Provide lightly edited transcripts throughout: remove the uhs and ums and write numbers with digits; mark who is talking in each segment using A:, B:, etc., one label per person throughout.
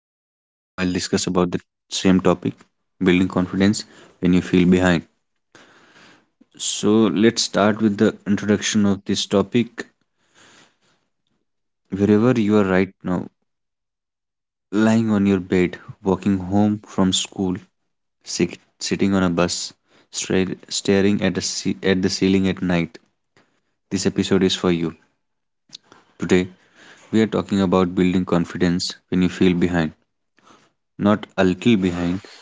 A: a co host with whom I'll discuss about the same topic, building confidence when you feel behind. So, let's start with the introduction of this topic. Wherever you are right now, lying on your bed, walking home from school, sick, sitting on a bus, staring at, at the ceiling at night, this episode is for you. Today, we are talking about building confidence when you feel behind. Not a little behind,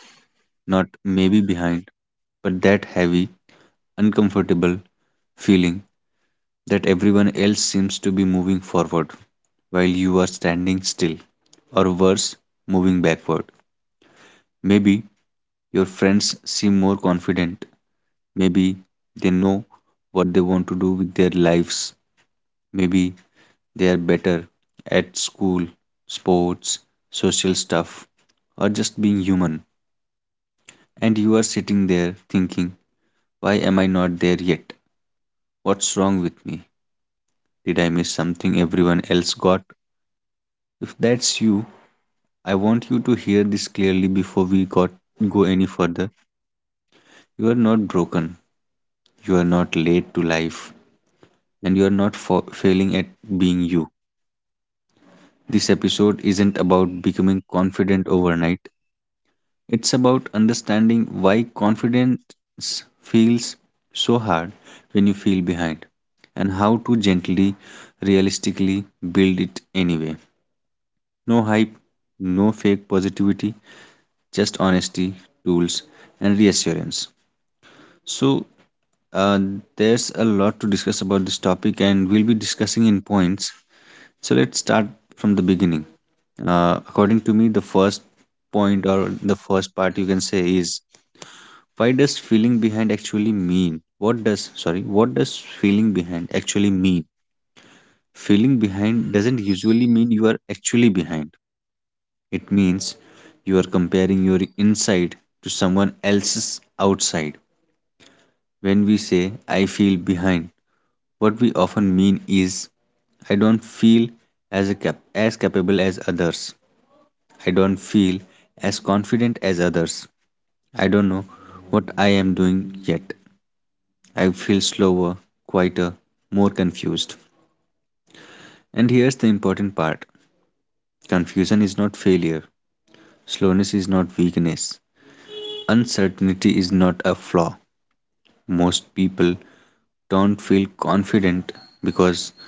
A: not maybe behind, but that heavy, uncomfortable feeling that everyone else seems to be moving forward while you are standing still, or worse, moving backward. Maybe your friends seem more confident. Maybe they know what they want to do with their lives. Maybe they are better at school, sports, social stuff, or just being human. And you are sitting there thinking, why am I not there yet? What's wrong with me? Did I miss something everyone else got? If that's you, I want you to hear this clearly before we got go any further. You are not broken. You are not late to life, and you are not failing at being you. This episode isn't about becoming confident overnight. It's about understanding why confidence feels so hard when you feel behind and how to gently, realistically build it anyway. No hype, no fake positivity, just honesty, tools, and reassurance. So, uh, there's a lot to discuss about this topic, and we'll be discussing in points. So, let's start from the beginning. According to me, the first point or the first part you can say is, why does feeling behind actually mean? What does, sorry what does feeling behind actually mean? Feeling behind doesn't usually mean you are actually behind. It means you are comparing your inside to someone else's outside. When we say I feel behind, what we often mean is, I don't feel as capable as others. I don't feel as confident as others. I don't know what I am doing yet. I feel slower, quieter, more confused. And here's the important part, confusion is not failure, slowness is not weakness, uncertainty is not a flaw. Most people don't feel confident because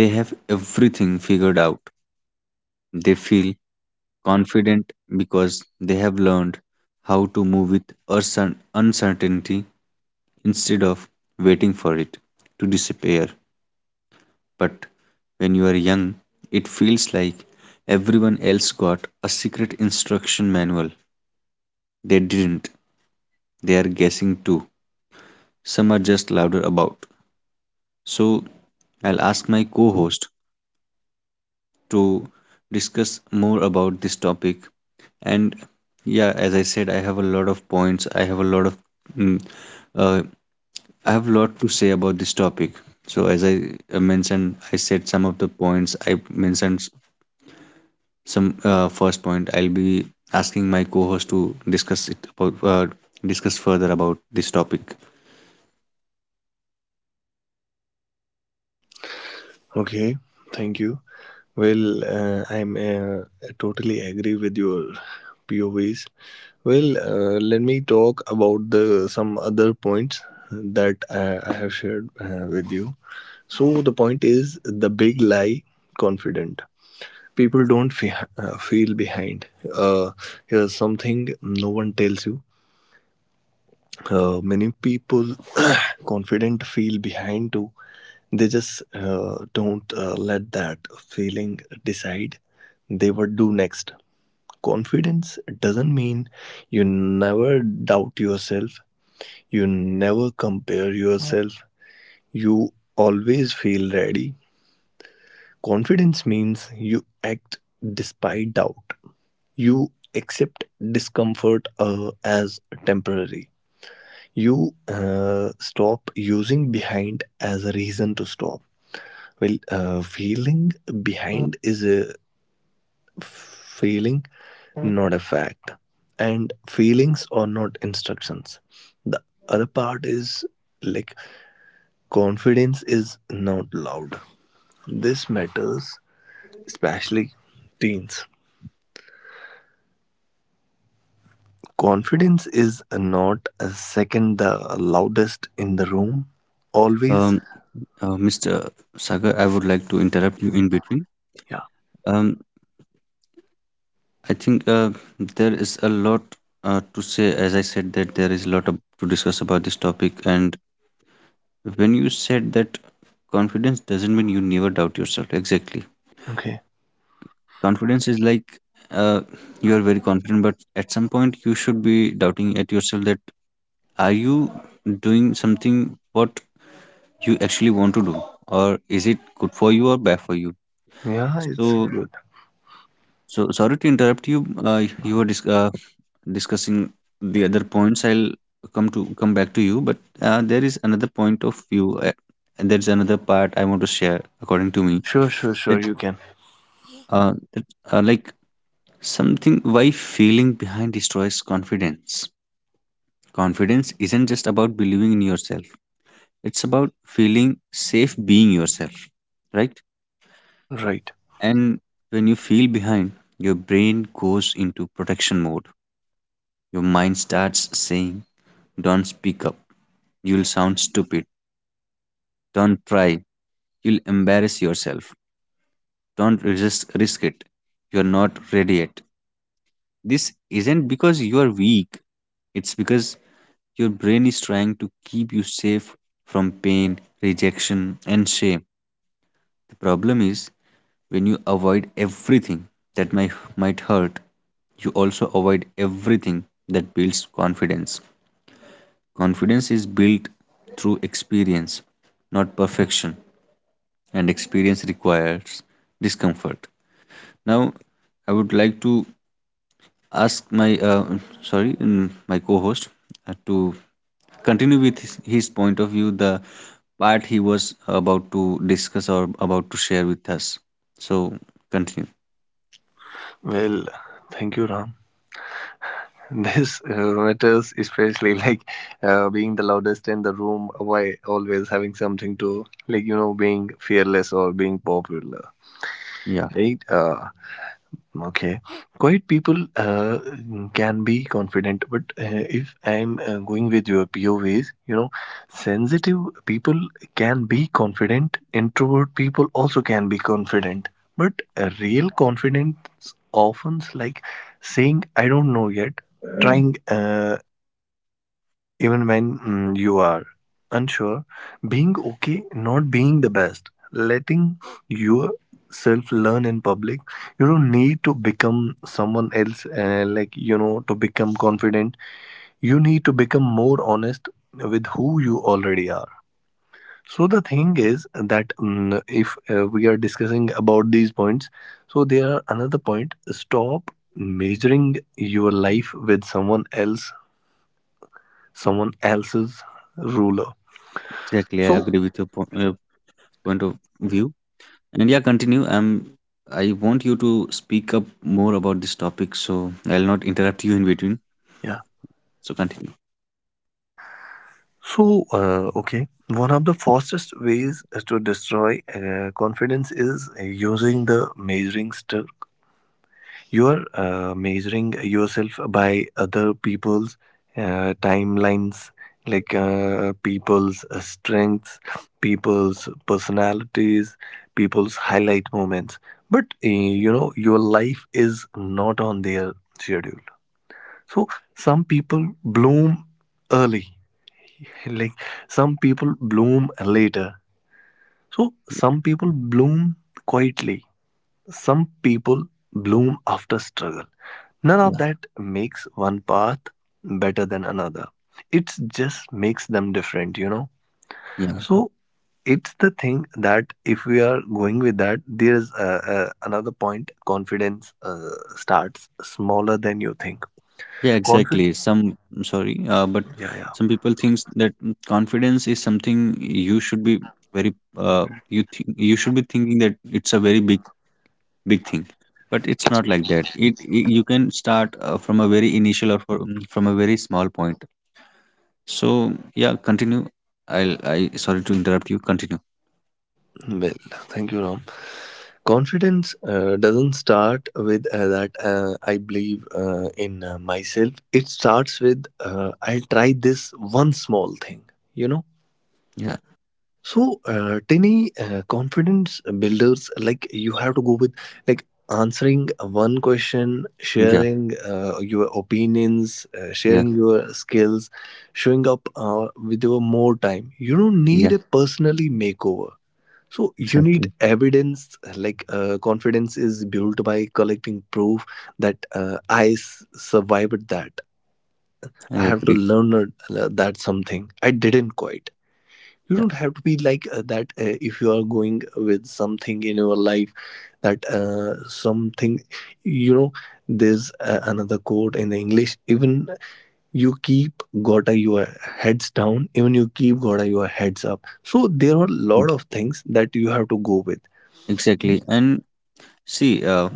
A: they have everything figured out. They feel confident because they have learned how to move with uncertainty instead of waiting for it to disappear. But when you are young, it feels like everyone else got a secret instruction manual. They didn't. They are guessing too. Some are just louder about. So I'll ask my co host to discuss more about this topic. And yeah, as I said, I have a lot of points. Mm, uh, I have a lot to say about this topic. So, as I mentioned, I said some of the points. I mentioned some, first point I'll be asking my co-host to discuss further about this topic.
B: Okay, thank you. Well, I'm totally agree with your POVs. Well, let me talk about the some other points that I have shared with you. So the point is the big lie confident. People don't feel behind. Uh, Here's something no one tells you. Many people confident feel behind too. They just don't let that feeling decide they would do next. Confidence doesn't mean you never doubt yourself. You never compare yourself. You always feel ready. Confidence means you act despite doubt. You accept discomfort as temporary you stop using behind as a reason to stop. Well, feeling behind is a feeling, not a fact. And feelings are not instructions. The other part is like confidence is not loud. This matters especially teens. Confidence is not a second the loudest in the room. Always.
A: um, Mr. Sagar, I would like to interrupt you in between.
B: Yeah.
A: um, I think there is a lot to say. As I said, that there is a lot of, to discuss about this topic. And when you said that confidence doesn't mean you never doubt yourself, exactly.
B: Okay.
A: Confidence is like, uh, you are very confident, but at some point you should be doubting at yourself that, are you doing something what you actually want to do, or is it good for you or bad for you?
B: Yeah, it's
A: So,
B: good.
A: so sorry to interrupt you. You were discussing the other points. I'll come back to you, but there is another point of view, and there's another part I want to share. According to me,
B: Sure, sure, sure,
A: that
B: you can.
A: that, like something, why feeling behind destroys confidence. Confidence isn't just about believing in yourself. It's about feeling safe being yourself, right?
B: Right.
A: And when you feel behind, your brain goes into protection mode. Your mind starts saying, don't speak up. You'll sound stupid. Don't try. You'll embarrass yourself. Don't resist, risk it. You're not ready yet. This isn't because you are weak, it's because your brain is trying to keep you safe from pain, rejection, and shame. The problem is when you avoid everything that might hurt, you also avoid everything that builds confidence. Confidence is built through experience, not perfection, and experience requires discomfort. Now I would like to ask my my co-host to continue with his point of view, the part he was about to discuss or about to share with us. So continue.
B: Well, thank you, Ram. This matters especially like being the loudest in the room while always having something to like, you know, being fearless or being popular.
A: Yeah.
B: Right? Okay. Quiet people can be confident, but if I'm going with your POVs, you know, sensitive people can be confident, introvert people also can be confident, but a real confidence often like saying, I don't know yet, trying even when you are unsure, being okay not being the best, letting yourself learn in public, you don't need to become someone else, like you know, to become confident. You need to become more honest with who you already are. So the thing is that if we are discussing about these points, so there are another point. Stop measuring your life with someone else, someone else's ruler.
A: Exactly, I
B: So,
A: agree with your point of view. And yeah, continue. I want you to speak up more about this topic, so I'll not interrupt you in between.
B: yeah.
A: So continue.
B: So, okay. One of the fastest ways to destroy confidence is using the measuring stick. You are measuring yourself by other people's timelines, like people's strengths, people's personalities, people's highlight moments. But, you know, your life is not on their schedule. So, some people bloom early, like some people bloom later, so
A: Yeah.
B: some people bloom quietly, some people bloom after struggle. None of
A: Yeah,
B: that makes one path better than another. It just makes them different, you know.
A: yeah,
B: So it's the thing that if we are going with that, there's another point. Confidence starts smaller than you think.
A: yeah.
B: Confid?
A: Exactly. Some. I'm sorry, but
B: Yeah.
A: some people thinks that, confidence is something you should be very. You think you should be thinking that it's a very big big thing, but it's not like that. It you can start from a very initial or from a very small point. So, yeah, continue. I'll I Sorry to interrupt you. Continue.
B: Yeah, well, thank you, Ram. Confidence doesn't start with that I believe in myself. It starts with I'll try this one small thing, you know.
A: Yeah.
B: So, tiny confidence builders, like you have to go with like answering one question,
A: Yeah.
B: sharing your opinions,
A: Yeah.
B: sharing your skills, showing up with your more time. You don't need
A: Yeah.
B: a personally makeover, so you need
A: Exactly.
B: evidence, like confidence is built by collecting proof that I survived that.
A: I
B: I have to
A: agree.
B: learn that something. I didn't quite. You
A: Yeah.
B: don't have to be like that if you are going with something in your life, that something, you know, there's another quote in the English. Even you keep gotta your heads down, even you keep gotta your heads up. So there are a
A: Mm,
B: lot of things that you have to go with.
A: exactly. And see,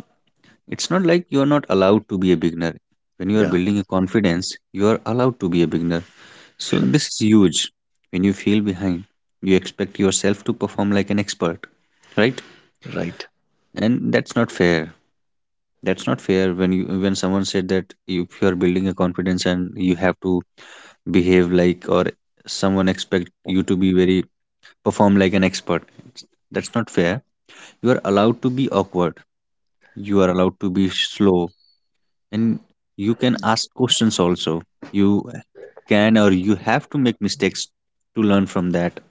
A: it's not like you are not allowed to be a beginner. When you are
B: Yeah,
A: building a confidence, you are allowed to be a beginner. So
B: sure.
A: this is huge. When you feel behind, you expect yourself to perform like an expert, right?
B: Right.
A: And that's not fair. That's not fair when you when someone said that if you are building a confidence and you have to behave like or someone expect you to be very perform like an expert. It's- that's not fair. You are allowed to be awkward, you are allowed to be slow, and you can ask questions also. You can or you have to make mistakes to learn from that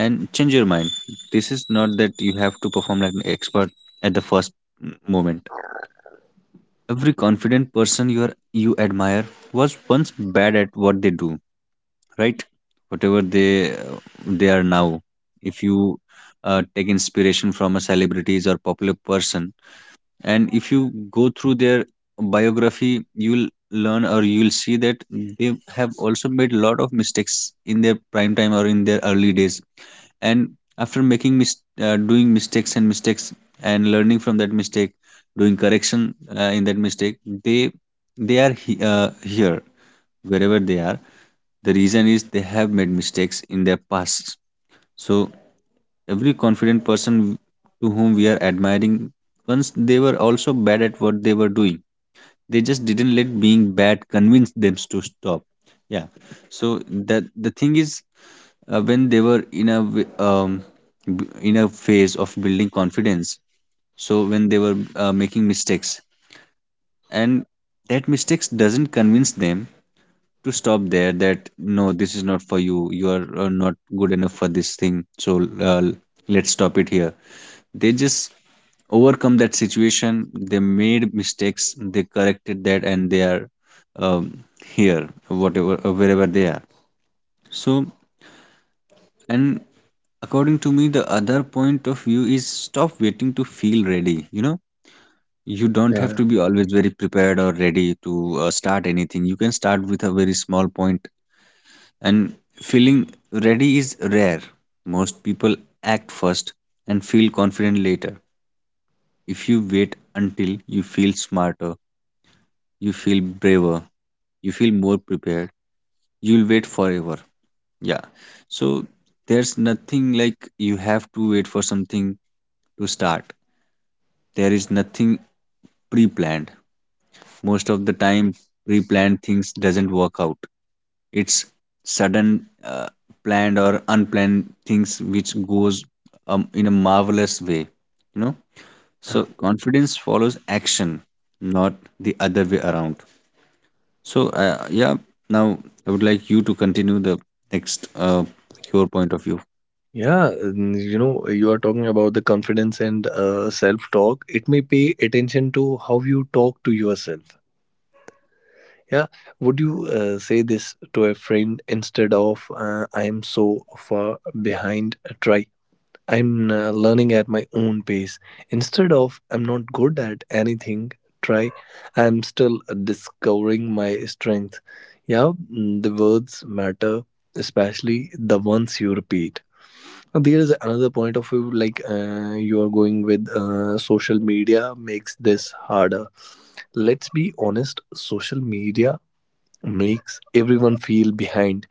A: and change your mind. This is not that you have to perform like an expert at the first moment. Every confident person you admire was once bad at what they do, right? Whatever they are now, if you take inspiration from a celebrities or popular person, and if you go through their biography, you'll learn or you'll see that they have also made a lot of mistakes in their prime time or in their early days. And after making doing mistakes and mistakes, and learning from that mistake, doing correction in that mistake, they here, wherever they are. The reason is they have made mistakes in their past. So every confident person to whom we are admiring, once they were also bad at what they were doing. They just didn't let being bad convince them to stop. Yeah. So that the thing is, when they were in a in a phase of building confidence, so when they were making mistakes, and that mistakes doesn't convince them to stop there, that no, this is not for you, you are not good enough for this thing, so let's stop it here. They just overcome that situation, they made mistakes, they corrected that, and they are um, here, whatever wherever they are. So, and according to me, the other point of view is stop waiting to feel ready, you know. You don't
B: Yeah,
A: have
B: yeah.
A: to be always very prepared or ready to start anything. You can start with a very small point. And feeling ready is rare. Most people act first and feel confident later. If you wait until you feel smarter, you feel braver, you feel more prepared, you'll wait forever. Yeah. So there's nothing like you have to wait for something to start. There is nothing pre-planned. Most of the time pre-planned things doesn't work out. It's sudden planned or unplanned things which goes in a marvelous way, you know?
B: Yeah.
A: So confidence follows action, not the other way around. So yeah, now I would like you to continue the next your point of view.
B: Yeah, and you know, you are talking about the confidence and self-talk. It may pay attention to how you talk to yourself. Yeah, would you say this to a friend instead of "I am so far behind"? Try. I'm learning at my own pace. Instead of I'm not good at anything, try I'm still discovering my strength. Yeah, the words matter, especially the ones you repeat. Now, there is another point of view like you are going with social media makes this harder. Let's be honest, social media makes everyone feel behind.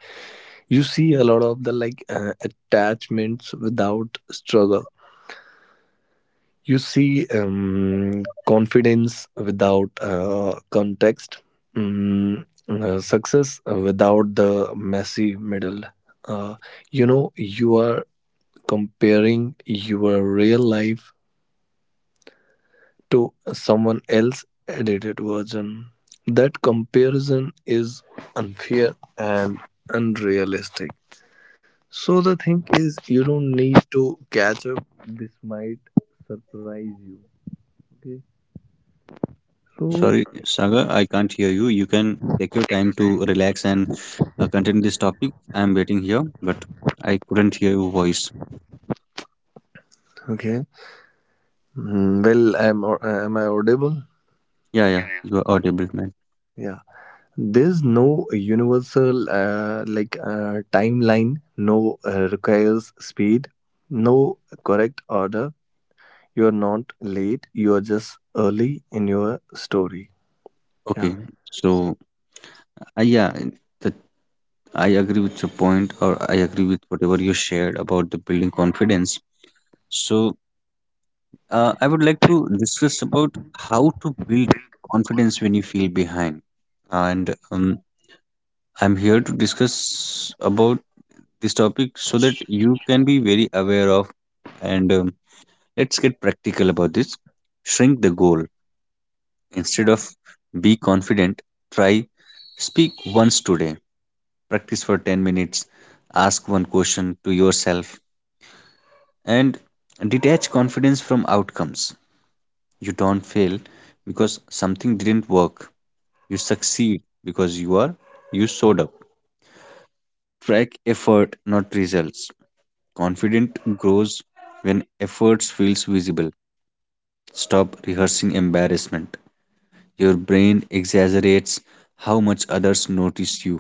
B: You see a lot of the like attachments without struggle. You see confidence without context, success without the messy middle. Uh, you know, you are comparing your real life to someone else's edited version. That comparison is unfair and unrealistic. So, the thing is, you don't need to catch up. This might surprise you. Okay. So,
A: Sorry, Saga, I can't hear you. You can take your time to relax and continue this topic. I'm waiting here, but I couldn't hear your voice.
B: okay. Well, am I audible?
A: Yeah, yeah, you are audible, man.
B: Yeah. There's no universal like timeline. No requires speed. No correct order. You're not late. You're just early in your story.
A: Okay,
B: Yeah.
A: so yeah, that I agree with your point, or I agree with whatever you shared about the building confidence. So I would like to discuss about how to build confidence when you feel behind. And I'm here to discuss about this topic so that you can be very aware of. And let's get practical about this. Shrink the goal. Instead of be confident, try speak once today. Practice for 10 minutes. Ask one question to yourself and detach confidence from outcomes. You don't fail because something didn't work. You succeed because you showed up. Track effort, not results. Confidence grows when efforts feels visible. Stop rehearsing embarrassment. Your brain exaggerates how much others notice you.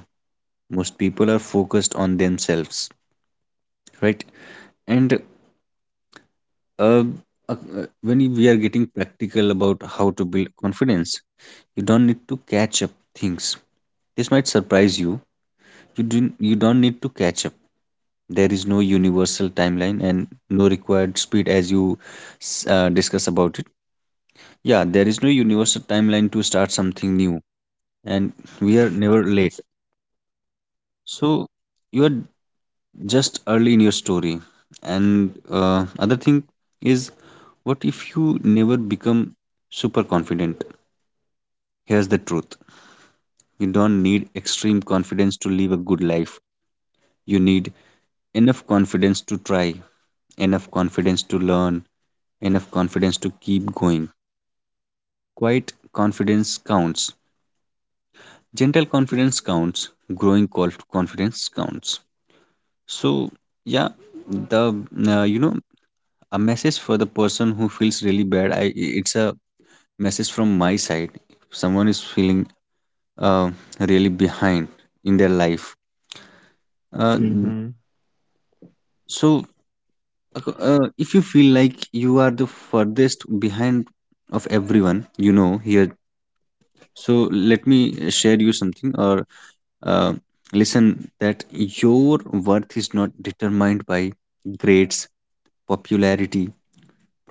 A: Most people are focused on themselves, right? And uh, uh, when we are getting practical about how to build confidence, you don't need to catch up things. This might surprise you. You didn't. You don't need to catch up. There is no universal timeline and no required speed as you discuss about it. Yeah, there is no universal timeline to start something new, and we are never late, so you are just early in your story. And other thing is, what if you never become super confident? Here's the truth: you don't need extreme confidence to live a good life. You need enough confidence to try, enough confidence to learn, enough confidence to keep going. Quiet confidence counts. Gentle confidence counts. Growing confidence counts. So, yeah, the you know a message for the person who feels really bad. I It's a message from my side. If someone is feeling uh, really behind in their life. Uh,
B: Mm-hmm.
A: so if you feel like you are the furthest behind of everyone you know here, so let me share you something, or uh, listen, that your worth is not determined by grades, popularity,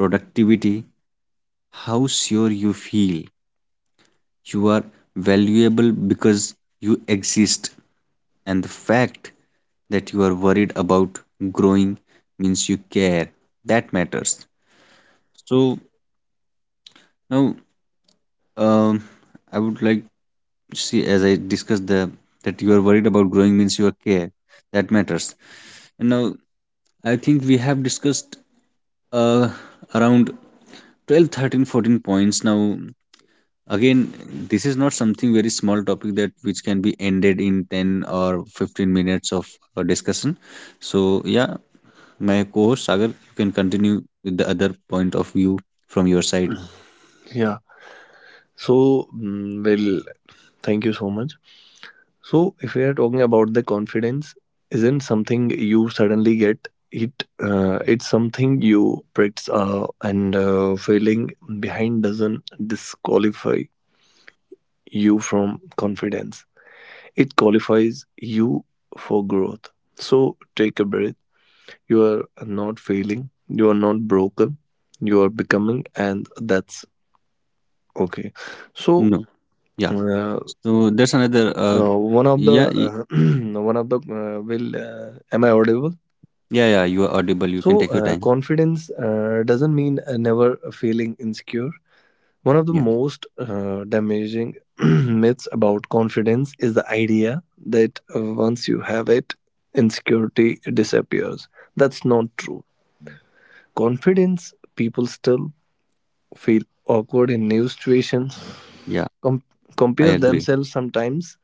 A: productivity, how sure you feel. You are valuable because you exist, and the fact that you are worried about growing means you care. That matters. So now, um, I would like to see, as I discussed, the that you are worried about growing means you are care. That matters. And now I think we have discussed uh, around 12, 13, 14 points now. Again, this is not something very small topic that which can be ended in 10 or 15 minutes of discussion. So yeah, my co-host Sagar, you can continue with the other point of view from your side.
B: Yeah. So, well, thank you so much. So, if we are talking about the confidence, isn't something you suddenly get. It it's something you practice, and failing behind doesn't disqualify you from confidence. It qualifies you for growth. So take a breath. You are not failing. You are not broken. You are becoming, and that's okay. So.
A: No. Yeah.
B: Uh,
A: So there's another,
B: one of the
A: yeah. y-
B: one of the will am I audible?
A: yeah yeah you are audible, you can
B: So,
A: take your time.
B: confidence doesn't mean never feeling insecure. One of the
A: Yeah,
B: most damaging myths about confidence is the idea that once you have it, insecurity disappears. That's not true. Confidence people still feel awkward in new situations,
A: yeah,
B: com- compare
A: I agree.
B: themselves sometimes,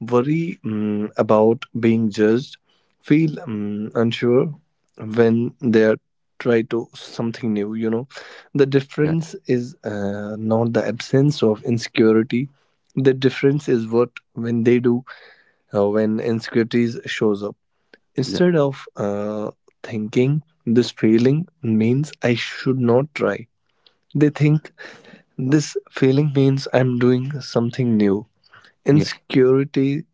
B: worry about being judged, feel unsure when they are try to something new. You know, the
A: Yeah,
B: difference is not the absence of insecurity. The difference is what when they do when insecurities shows up.
A: yeah,
B: Instead of thinking this failing means I should not try, they think this failing means I'm doing something new.
A: yeah,
B: Insecurity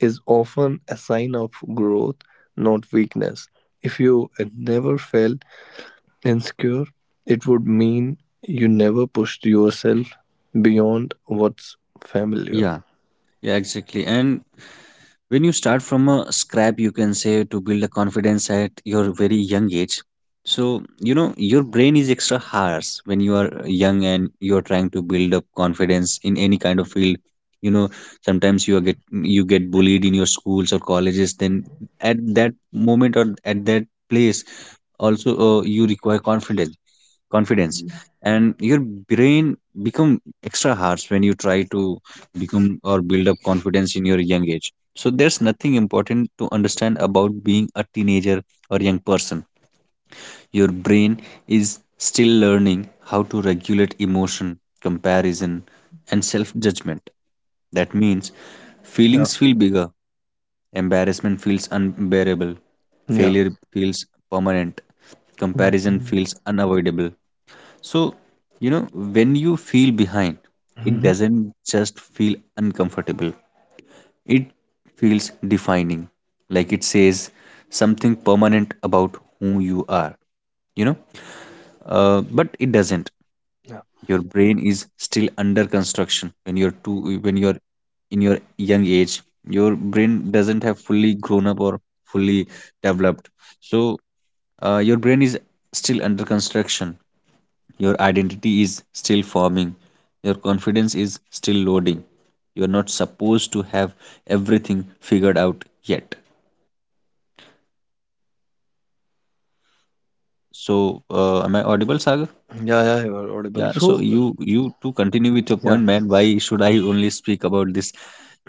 B: is often a sign of growth, not weakness. If you had never felt insecure, it would mean you never pushed yourself beyond what's familiar.
A: yeah, yeah, exactly. And when you start from a scrap, you can say to build a confidence at your very young age. So, you know, your brain is extra harsh when you are young and you are trying to build up confidence in any kind of field. You know, sometimes you get bullied in your schools or colleges. Then at that moment or at that place, also you require confidence and your brain become extra harsh when you try to become or build up confidence in your young age. So there's nothing important to understand about being a teenager or young person. Your brain is still learning how to regulate emotion, comparison, and self judgment. That means
B: Yeah.
A: feelings feel bigger, embarrassment feels unbearable,
B: Yeah.
A: failure feels permanent, comparison
B: Mhm.
A: feels unavoidable. So, you know, when you feel behind, it
B: Mhm.
A: doesn't just feel uncomfortable, it feels defining. Like it says something permanent about who you are, you know, but it doesn't.
B: Yeah.
A: Your brain is still under construction when you're too when you're in your young age. Your brain doesn't have fully grown up or fully developed. So your brain is still under construction, your identity is still forming, your confidence is still loading. You're not supposed to have everything figured out yet. So am I audible, Saga?
B: Yeah, yeah, you are audible.
A: Yeah, so
B: So,
A: you to continue with your
B: yeah.
A: point, man. Why should I only speak about this?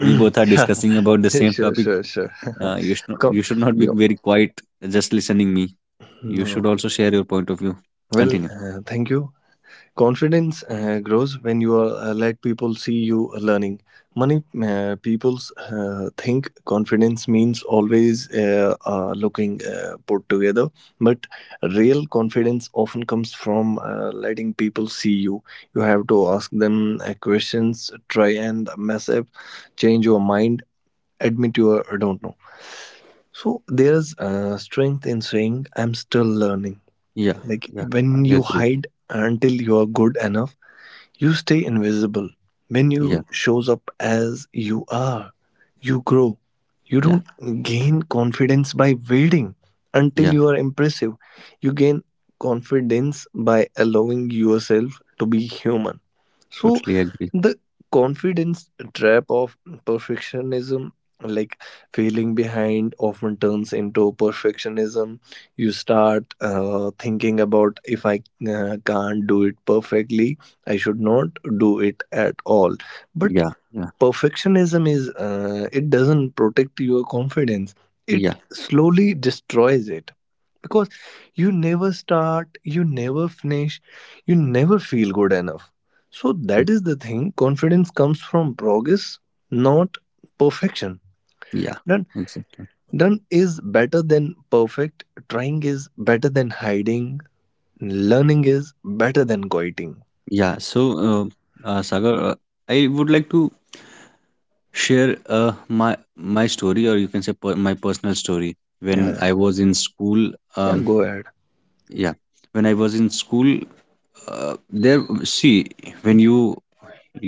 A: We both are
B: Yeah.
A: discussing about the same
B: Sure,
A: topic.
B: sure, sure.
A: You should not,
B: Come,
A: you should not be
B: you know,
A: very quiet, just listening me. You
B: no,
A: should
B: no.
A: also share your point of view.
B: Well,
A: Continue.
B: thank you. Confidence grows when you are, let people see you learning. Many people think confidence means always looking put together, but real confidence often comes from letting people see you. You have to ask them questions, try and mess up, change your mind, admit you are- don't know. So there's strength in saying, I'm still learning.
A: Yeah,
B: Like
A: yeah, I
B: when you
A: agree.
B: hide until you are good enough you stay invisible. When
A: Yeah,
B: you shows up as you are, you grow. You
A: yeah,
B: don't gain confidence by waiting until
A: yeah,
B: you are impressive. You gain confidence by allowing yourself to be human. So
A: totally agree.
B: the confidence trap of perfectionism, like failing behind, often turns into perfectionism. You start thinking about if I can't do it perfectly, I should not do it at all. But
A: Yeah, yeah,
B: perfectionism is it doesn't protect your confidence.
A: yeah,
B: It slowly destroys it, because you never start, you never finish, you never feel good enough. So
A: yeah,
B: that is the thing, confidence comes from progress, not perfection.
A: yeah,
B: done
A: exactly.
B: Done is better than perfect, trying is better than hiding, learning is better than quitting.
A: Yeah, so Sagar, I would like to share my story, or you can say, my personal story when
B: Yeah. Yeah,
A: I was in school.
B: yeah, go ahead.
A: Yeah, when I was in school, there see, when you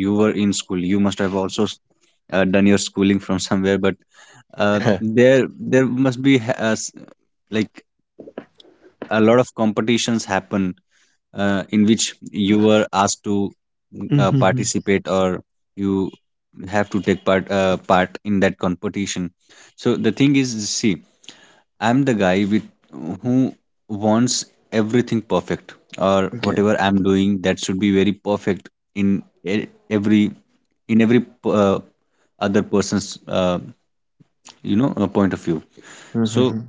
A: you were in school, you must have also done your schooling from somewhere, but there must be like, a lot of competitions happen in which you were asked to
B: Mm-hmm.
A: participate, or you have to take part in that competition. So the thing is, see, I'm the guy with who wants everything perfect, or
B: Okay.
A: whatever I'm doing that should be very perfect in every other person's point of view. so
B: Mm-hmm.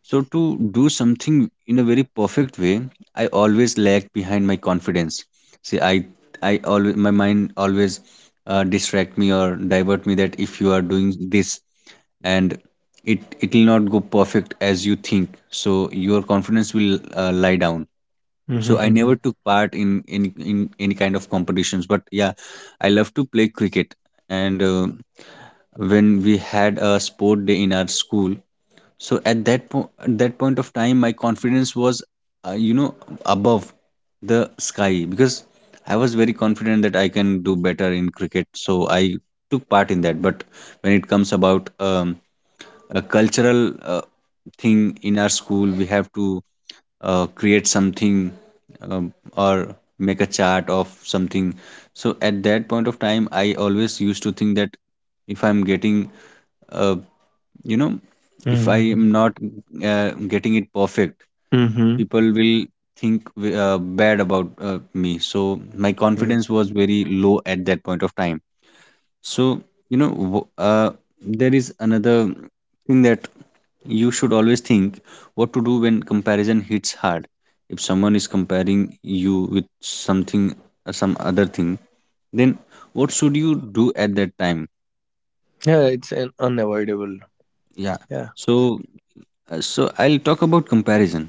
A: so, to do something in a very perfect way, I always lag behind my confidence. See, my mind always distract me or divert me, that if you are doing this, and it will not go perfect as you think. So, your confidence will lie down. So, I
B: Mm-hmm.
A: never took part in any kind of competitions. But yeah, I love to play cricket. And when we had a sport day in our school, so at that point of time my confidence was, uh, you know above the sky, because I was very confident that I can do better in cricket, so I took part in that. But when it comes about, a cultural thing in our school, we have to create something, or make a chart of something. So at that point of time I always used to think that, if I'm getting uh, you know if I am
B: Mm-hmm.
A: not getting it perfect,
B: Mm-hmm.
A: people will think bad about me, so my
B: Yeah.
A: confidence was very low at that point of time. So you know w- uh, there is another thing that you should always think: what to do when comparison hits hard? If someone is comparing you with something, some other thing, then what should you do at that time?
B: Yeah, it's an unavoidable.
A: Yeah,
B: Yeah.
A: so, I'll talk about comparison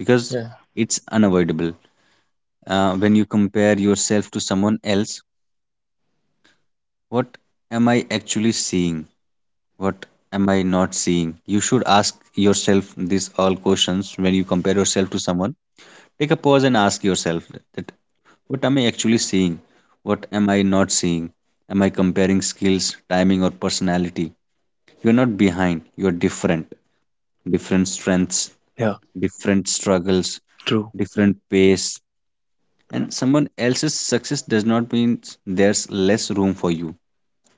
A: because
B: Yeah.
A: it's unavoidable. When you compare yourself to someone else, what am I actually seeing? What am I not seeing? You should ask yourself these all questions when you compare yourself to someone. Take a pause and ask yourself that, what am I actually seeing? What am I not seeing? Am I comparing skills, timing, or personality? You're not behind, you're different. Different strengths,
B: Yeah.
A: different struggles,
B: True.
A: different pace, and someone else's success does not mean there's less room for you.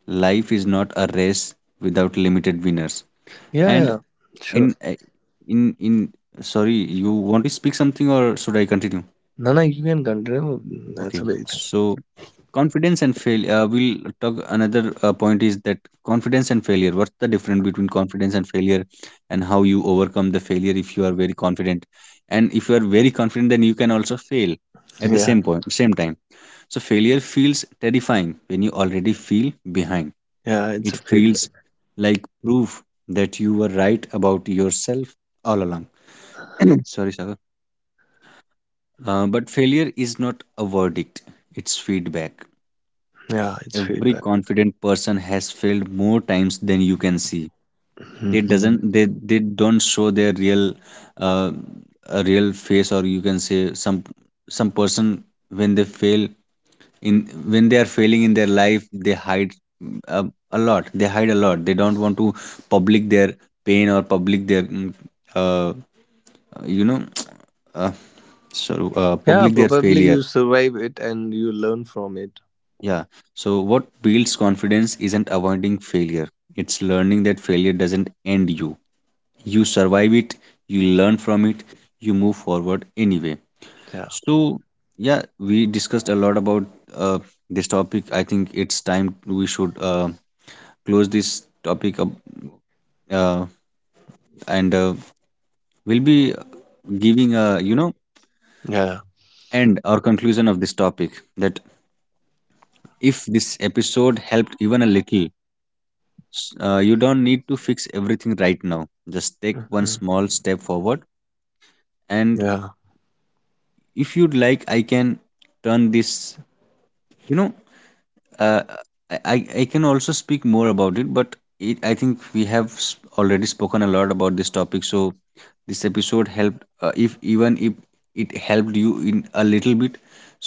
A: Life is not a race without limited winners.
B: Yeah, yeah, yeah.
A: And
B: Sure.
A: in eh, in sorry, you want to speak something, or should I continue?
B: No, no, you can continue. That's a
A: Okay,
B: big thing.
A: so, confidence and failure. We'll talk. Another point is that, confidence and failure. What's the difference between confidence and failure, and how you overcome the failure if you are very confident? And if you are very confident, then you can also fail at the
B: Yeah,
A: same point, same time. So failure feels terrifying when you already feel behind.
B: yeah, it's
A: It
B: a
A: feels
B: feedback.
A: like proof that you were right about yourself all along. Sorry, Sagar. But failure is not a verdict; it's feedback.
B: Yeah, it's
A: Every
B: feedback.
A: confident person has failed more times than you can see. they
B: Hmm.
A: doesn't they they don't show their real uh, a real face, or you can say, some some person, when they fail in when they are failing in their life, they hide mm, a, a lot. They hide a lot. They don't want to public their pain, or public their uh, you know uh, sorry,
B: Yeah,
A: public their
B: probably
A: failure.
B: you survive it and you learn from it.
A: Yeah. So, what builds confidence isn't avoiding failure, it's learning that failure doesn't end you. You survive it, you learn from it, you move forward anyway.
B: Yeah,
A: So, yeah, we discussed a lot about uh, this topic. I think it's time we should close this topic up, uh, and we'll be giving a,
B: yeah.
A: end or conclusion of this topic, that if this episode helped even a little, you don't need to fix everything right now, just take one
B: Mhm.
A: small step forward. And
B: Yeah,
A: if you'd like, I can turn this, you know I can also speak more about it, but, I think we have already spoken a lot about this topic. So this episode helped, if even if it helped you in a little bit,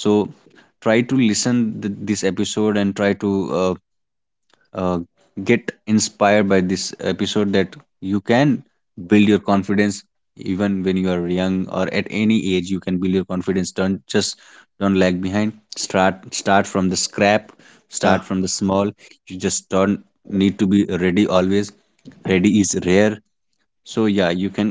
A: so try to listen this episode, and try to uh, uh, get inspired by this episode, that you can build your confidence even when you are young, or at any age you can build your confidence. Don't just, don't lag behind. Start from the scrap.
B: yeah.
A: Start from the small. You just don't need to be ready always. Ready is rare. So yeah, you can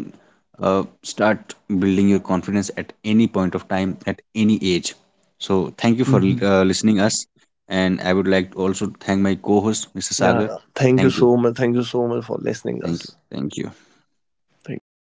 A: start building your confidence at any point of time, at any age. So thank you for
B: Hmm.
A: listening us, and I would like to also thank my co-host, Mr.
B: Yeah.
A: Sagar.
B: Thank you
A: Thank you.
B: so much. Thank you so much for listening
A: Thank you.
B: us.
A: Thank you.
B: Thank you.